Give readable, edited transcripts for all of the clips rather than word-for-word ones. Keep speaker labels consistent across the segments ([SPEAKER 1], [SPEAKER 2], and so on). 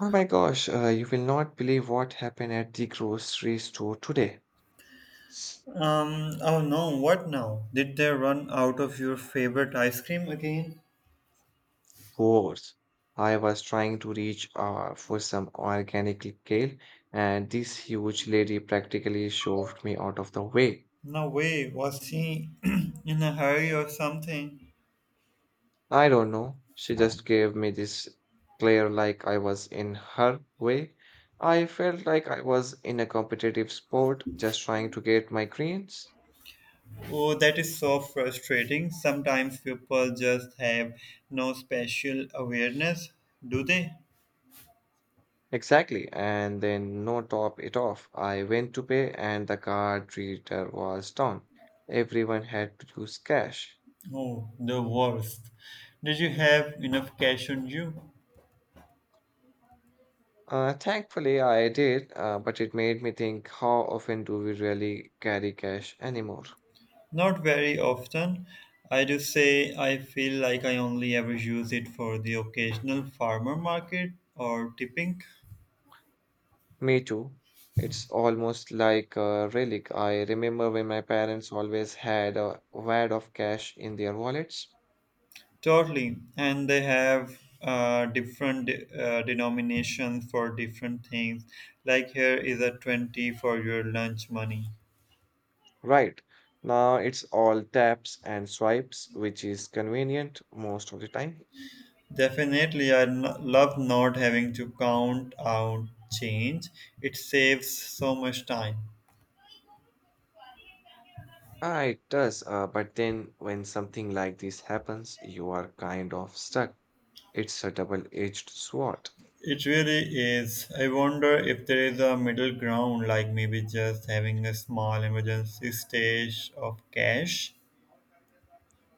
[SPEAKER 1] Oh my gosh, you will not believe what happened at the grocery store today.
[SPEAKER 2] Oh no, what now? Did they run out of your favorite ice cream again?
[SPEAKER 1] Scores. I was trying to reach for some organic kale, and this huge lady practically shoved me out of the way.
[SPEAKER 2] No way, was she in a hurry or something?
[SPEAKER 1] I don't know. She just gave me this glare like I was in her way. I felt like I was in a competitive sport just trying to get my greens.
[SPEAKER 2] Oh, that is so frustrating. Sometimes people just have no special awareness, do they?
[SPEAKER 1] Exactly, and then no top it off. I went to pay, and the card reader was down. Everyone had to use cash.
[SPEAKER 2] Oh, the worst. Did you have enough cash on you?
[SPEAKER 1] Thankfully, I did, but it made me think, how often do we really carry cash anymore?
[SPEAKER 2] Not very often. I do say I feel like I only ever use it for the occasional farmer market or tipping.
[SPEAKER 1] Me too. It's almost like a relic. I remember when my parents always had a wad of cash in their wallets.
[SPEAKER 2] Totally, and they have different denominations for different things. Like here is a 20 for your lunch money.
[SPEAKER 1] Right. Now it's all taps and swipes, which is convenient most of the time.
[SPEAKER 2] Definitely, love not having to count out change. It saves so much time.
[SPEAKER 1] Ah, it does, but then when something like this happens, you are kind of stuck. It's a double-edged sword.
[SPEAKER 2] It really is. I wonder if there is a middle ground, like maybe just having a small emergency stash of cash.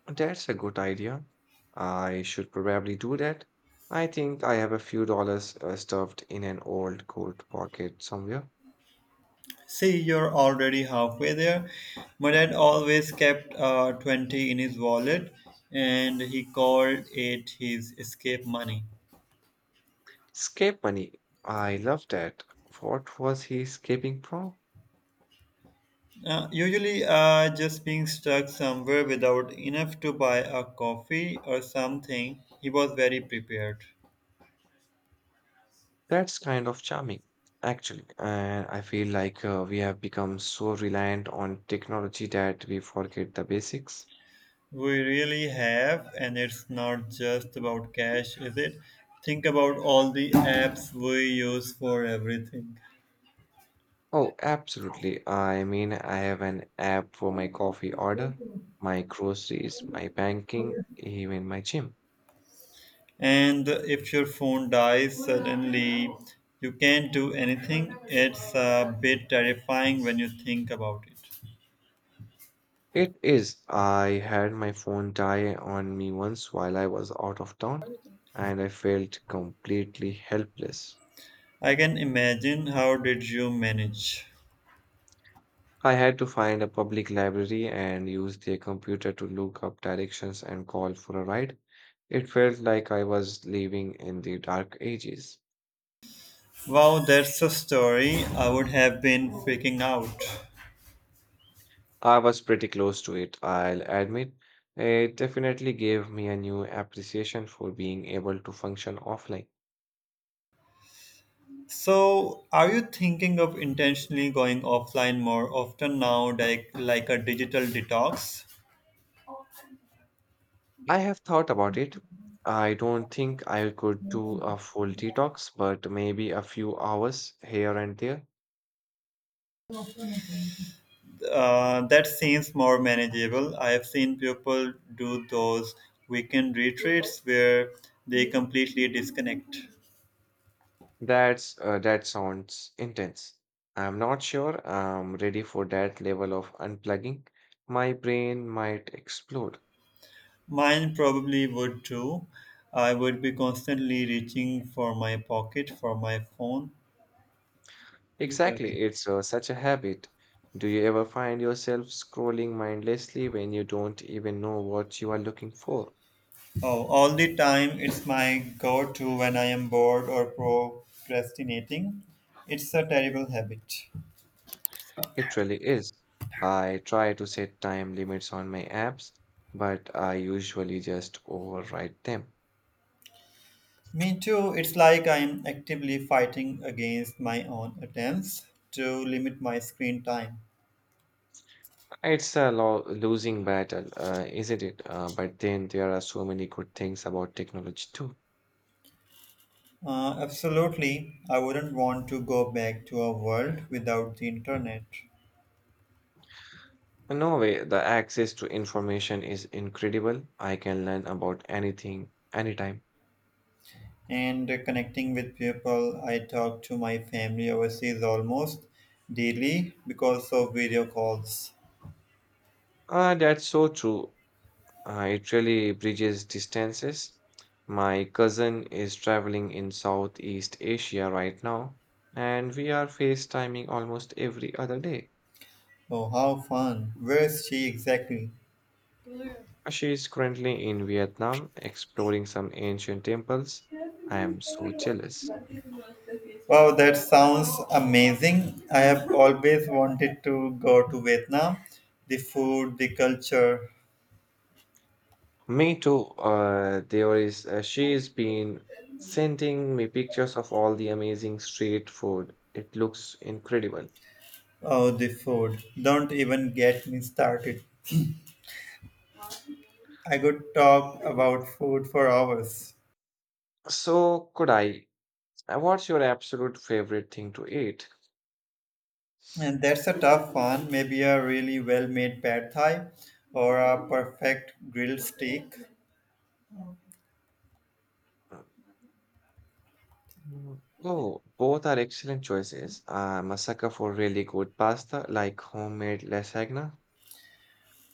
[SPEAKER 1] That's a good idea. I should probably do that. I think I have a few dollars stuffed in an old coat pocket somewhere.
[SPEAKER 2] See, you're already halfway there. My dad always kept 20 in his wallet, and he called it his escape money.
[SPEAKER 1] Escape money. I love that. What was he escaping from?
[SPEAKER 2] Usually, just being stuck somewhere without enough to buy a coffee or something, he was very prepared.
[SPEAKER 1] That's kind of charming, actually. And I feel like we have become so reliant on technology that we forget the basics.
[SPEAKER 2] We really have, and it's not just about cash, is it? Think about all the apps we use for everything.
[SPEAKER 1] Oh, absolutely. I mean, I have an app for my coffee order, my groceries, my banking, even my gym.
[SPEAKER 2] And if your phone dies suddenly, you can't do anything. It's a bit terrifying when you think about it.
[SPEAKER 1] It is. I had my phone die on me once while I was out of town, and I felt completely helpless.
[SPEAKER 2] I can imagine, how did you manage?
[SPEAKER 1] I had to find a public library and use their computer to look up directions and call for a ride. It felt like I was living in the dark ages.
[SPEAKER 2] Wow, that's a story. I would have been freaking out.
[SPEAKER 1] I was pretty close to it, I'll admit. It definitely gave me a new appreciation for being able to function offline.
[SPEAKER 2] So, are you thinking of intentionally going offline more often now, like a digital detox?
[SPEAKER 1] I have thought about it. I don't think I could do a full detox, but maybe a few hours here and there.
[SPEAKER 2] That seems more manageable. I have seen people do those weekend retreats where they completely disconnect.
[SPEAKER 1] That sounds intense. I'm not sure I'm ready for that level of unplugging. My brain might explode.
[SPEAKER 2] Mine probably would too. I would be constantly reaching for my pocket, for my phone. Yeah.
[SPEAKER 1] Exactly, it's such a habit. Do you ever find yourself scrolling mindlessly when you don't even know what you are looking for?
[SPEAKER 2] Oh, all the time, it's my go to when I am bored or procrastinating. It's a terrible habit.
[SPEAKER 1] It really is. I try to set time limits on my apps, but I usually just override them.
[SPEAKER 2] Me too. It's like I'm actively fighting against my own attempts to limit my screen time.
[SPEAKER 1] It's a lo losing battle, isn't it? But then there are so many good things about technology too.
[SPEAKER 2] Absolutely. I wouldn't want to go back to a world without the internet.
[SPEAKER 1] No way, the access to information is incredible. I can learn about anything, anytime.
[SPEAKER 2] And connecting with people, I talk to my family overseas almost daily because of video calls.
[SPEAKER 1] That's so true. It really bridges distances. My cousin is traveling in Southeast Asia right now, and we are FaceTiming almost every other day.
[SPEAKER 2] Oh, how fun. Where is she exactly?
[SPEAKER 1] She is currently in Vietnam exploring some ancient temples. I am so jealous.
[SPEAKER 2] Wow, that sounds amazing. I have always wanted to go to Vietnam. The food, the culture,
[SPEAKER 1] Me too. There is she's been sending me pictures of all the amazing street food. It looks incredible.
[SPEAKER 2] oh, the food. Don't even get me started. I could talk about food for hours.
[SPEAKER 1] So could I? What's your absolute favorite thing to eat?
[SPEAKER 2] And that's a tough one. Maybe a really well made pad thai or a perfect grilled steak.
[SPEAKER 1] Mm, oh, both are excellent choices. I'm a sucker for really good pasta, like homemade lasagna.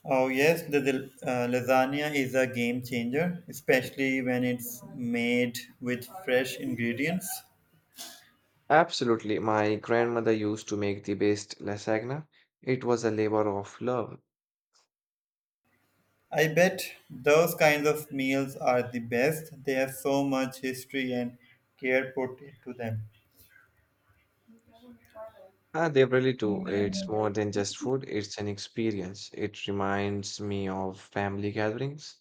[SPEAKER 2] Oh, yes, the lasagna is a game changer, especially when it's made with fresh ingredients.
[SPEAKER 1] Absolutely. My grandmother used to make the best lasagna. It was a labor of love.
[SPEAKER 2] I bet those kinds of meals are the best. They have so much history and care put into them.
[SPEAKER 1] Ah, they really do. It's more than just food, it's an experience. It reminds me of family gatherings.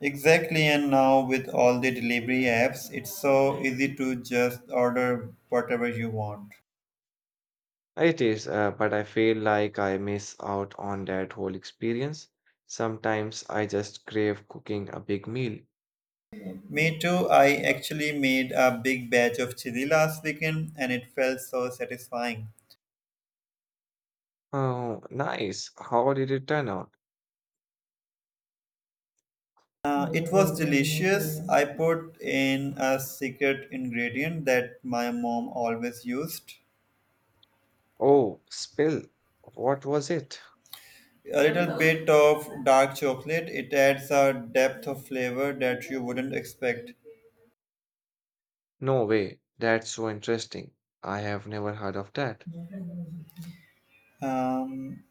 [SPEAKER 2] Exactly, and now with all the delivery apps, it's so easy to just order whatever you want.
[SPEAKER 1] It is, but I feel like I miss out on that whole experience. Sometimes I just crave cooking a big meal.
[SPEAKER 2] Me too, I actually made a big batch of chili last weekend, and it felt so satisfying.
[SPEAKER 1] Oh, nice. How did it turn out?
[SPEAKER 2] It was delicious. I put in a secret ingredient that my mom always used.
[SPEAKER 1] Oh, spill. What was it?
[SPEAKER 2] A little bit of dark chocolate. It adds a depth of flavor that you wouldn't expect.
[SPEAKER 1] No way. That's so interesting. I have never heard of that.
[SPEAKER 2] Um,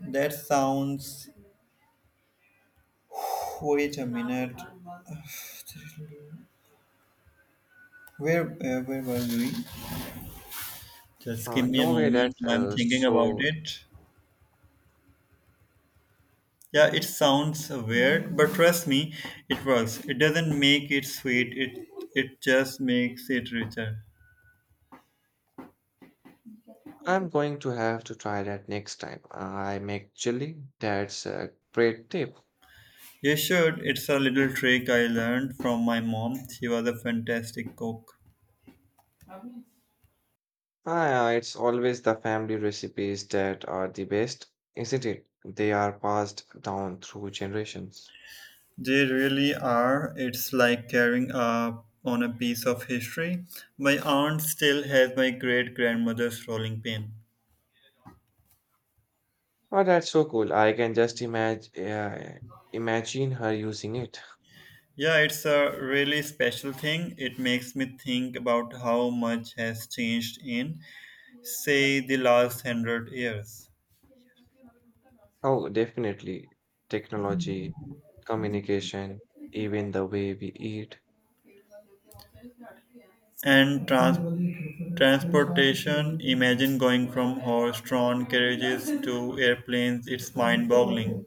[SPEAKER 2] that sounds. Wait a minute. Where were we? Just give me a
[SPEAKER 1] No way,
[SPEAKER 2] moment.
[SPEAKER 1] that's
[SPEAKER 2] I'm thinking about
[SPEAKER 1] so.
[SPEAKER 2] it. Yeah, it sounds weird, but trust me, it works. It doesn't make it sweet. It just makes it richer.
[SPEAKER 1] I'm going to have to try that next time I make chili. That's a great tip.
[SPEAKER 2] You should. It's a little trick I learned from my mom. She was a fantastic cook.
[SPEAKER 1] Ah, yeah, it's always the family recipes that are the best, isn't it? They are passed down through generations.
[SPEAKER 2] They really are. It's like carrying up on a piece of history. My aunt still has my great grandmother's rolling pin.
[SPEAKER 1] Oh, that's so cool. I can just imagine her using it.
[SPEAKER 2] Yeah, it's a really special thing. It makes me think about how much has changed in, say, the last hundred years.
[SPEAKER 1] Oh, definitely. Technology, communication, even the way we eat.
[SPEAKER 2] And trans- Transportation, imagine going from horse drawn carriages to airplanes, it's mind boggling.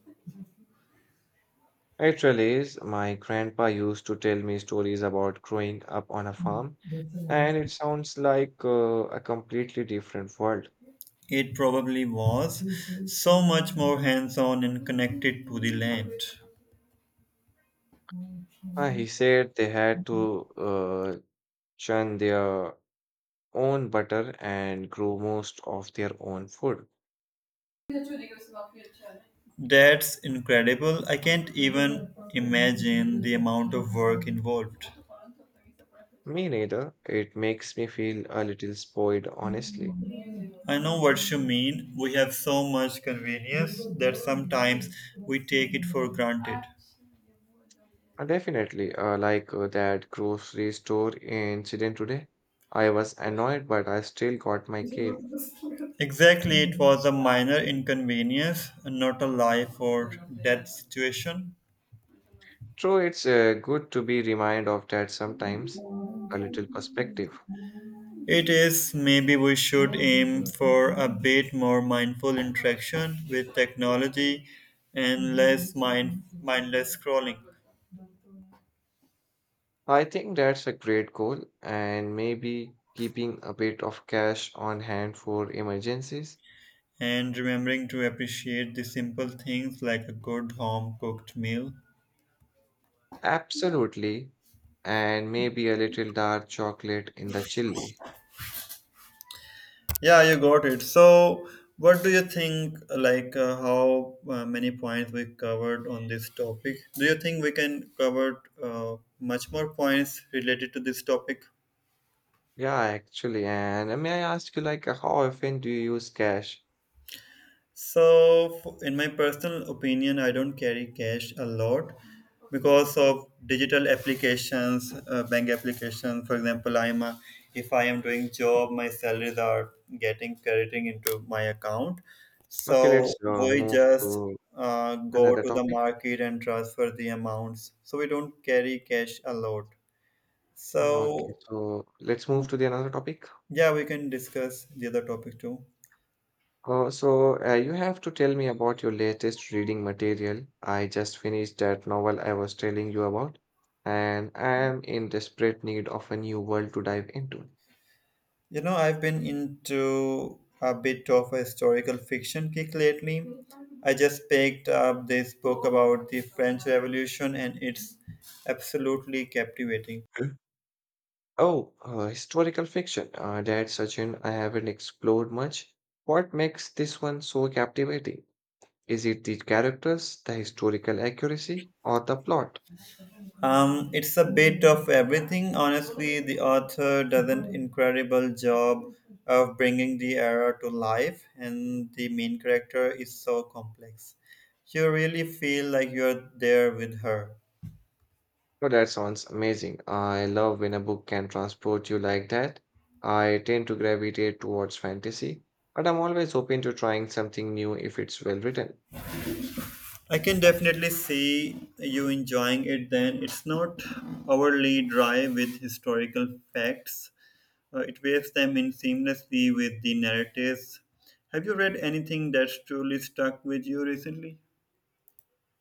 [SPEAKER 1] Actually, is. My grandpa used to tell me stories about growing up on a farm, and it sounds like a completely different world.
[SPEAKER 2] It probably was so much more hands on and connected to the land.
[SPEAKER 1] He said they had to churn their own butter and grow most of their own food.
[SPEAKER 2] That's incredible. I can't even imagine the amount of work involved.
[SPEAKER 1] Me neither. It makes me feel a little spoiled, honestly.
[SPEAKER 2] I know what you mean. We have so much convenience that sometimes we take it for granted.
[SPEAKER 1] Definitely, like that grocery store incident today. I was annoyed, but I still got my cake.
[SPEAKER 2] Exactly, it was a minor inconvenience, not a life or death situation.
[SPEAKER 1] True, it's good to be reminded of that sometimes, a little perspective.
[SPEAKER 2] It is, maybe we should aim for a bit more mindful interaction with technology and less mindless scrolling.
[SPEAKER 1] I think that's a great goal, and maybe keeping a bit of cash on hand for emergencies.
[SPEAKER 2] And remembering to appreciate the simple things like a good home cooked meal.
[SPEAKER 1] Absolutely. And maybe a little dark chocolate in the chili.
[SPEAKER 2] Yeah, you got it. So, what do you think? Like, how many points we covered on this topic? Do you think we can cover much more points related to this topic?
[SPEAKER 1] Yeah, actually. And may I ask you, like, how often do you use cash?
[SPEAKER 2] So, in my personal opinion, I don't carry cash a lot because of digital applications, bank applications. For example, if I am doing job, my salaries are getting crediting into my account.
[SPEAKER 1] Okay,
[SPEAKER 2] So
[SPEAKER 1] let's
[SPEAKER 2] we
[SPEAKER 1] move
[SPEAKER 2] just
[SPEAKER 1] to
[SPEAKER 2] go
[SPEAKER 1] another
[SPEAKER 2] to the
[SPEAKER 1] topic.
[SPEAKER 2] market and transfer the amounts. So we don't carry cash a lot.
[SPEAKER 1] Okay,
[SPEAKER 2] So
[SPEAKER 1] so let's move to the another topic.
[SPEAKER 2] yeah, we can discuss the other topic too.
[SPEAKER 1] Oh, so you have to tell me about your latest reading material. I just finished that novel I was telling you about, and I am in desperate need of a new world to dive into.
[SPEAKER 2] You know, I've been into a bit of a historical fiction kick lately. I just picked up this book about the French Revolution, and it's absolutely captivating.
[SPEAKER 1] Hmm? Oh, historical fiction. That's a genre I haven't explored much. What makes this one so captivating? Is it the characters, the historical accuracy, or the plot?
[SPEAKER 2] It's a bit of everything. Honestly, the author does an incredible job of bringing the era to life, and the main character is so complex. You really feel like you're there with her.
[SPEAKER 1] No, that sounds amazing. I love when a book can transport you like that. I tend to gravitate towards fantasy, but I'm always open to trying something new if it's well written.
[SPEAKER 2] I can definitely see you enjoying it then. It's not overly dry with historical facts, it weaves them in seamlessly with the narratives. Have you read anything that's truly stuck with you recently?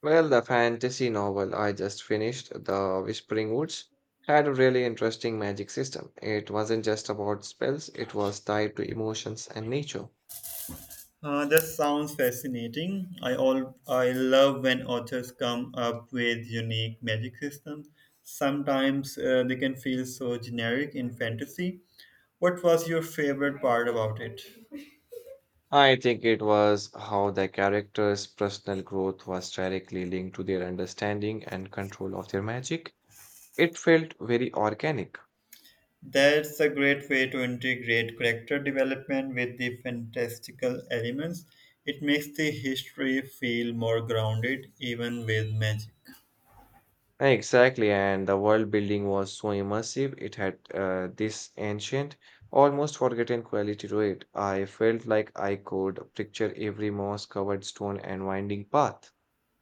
[SPEAKER 1] Well, the fantasy novel I just finished, The Whispering Woods, had a really interesting magic system. It wasn't just about spells, it was tied to emotions and nature.
[SPEAKER 2] That sounds fascinating. I love when authors come up with unique magic systems. Sometimes they can feel so generic in fantasy. What was your favorite part about it?
[SPEAKER 1] I think it was how the characters' personal growth was directly linked to their understanding and control of their magic. It felt very organic.
[SPEAKER 2] That's a great way to integrate character development with the fantastical elements. It makes the history feel more grounded, even with magic.
[SPEAKER 1] Yeah, exactly, and the world building was so immersive. It had this ancient, almost forgotten quality to it. I felt like I could picture every moss covered stone and winding path.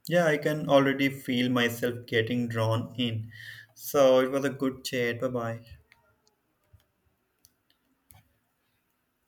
[SPEAKER 2] Yeah, I can already feel myself getting drawn in. So it was a good chat. Bye bye.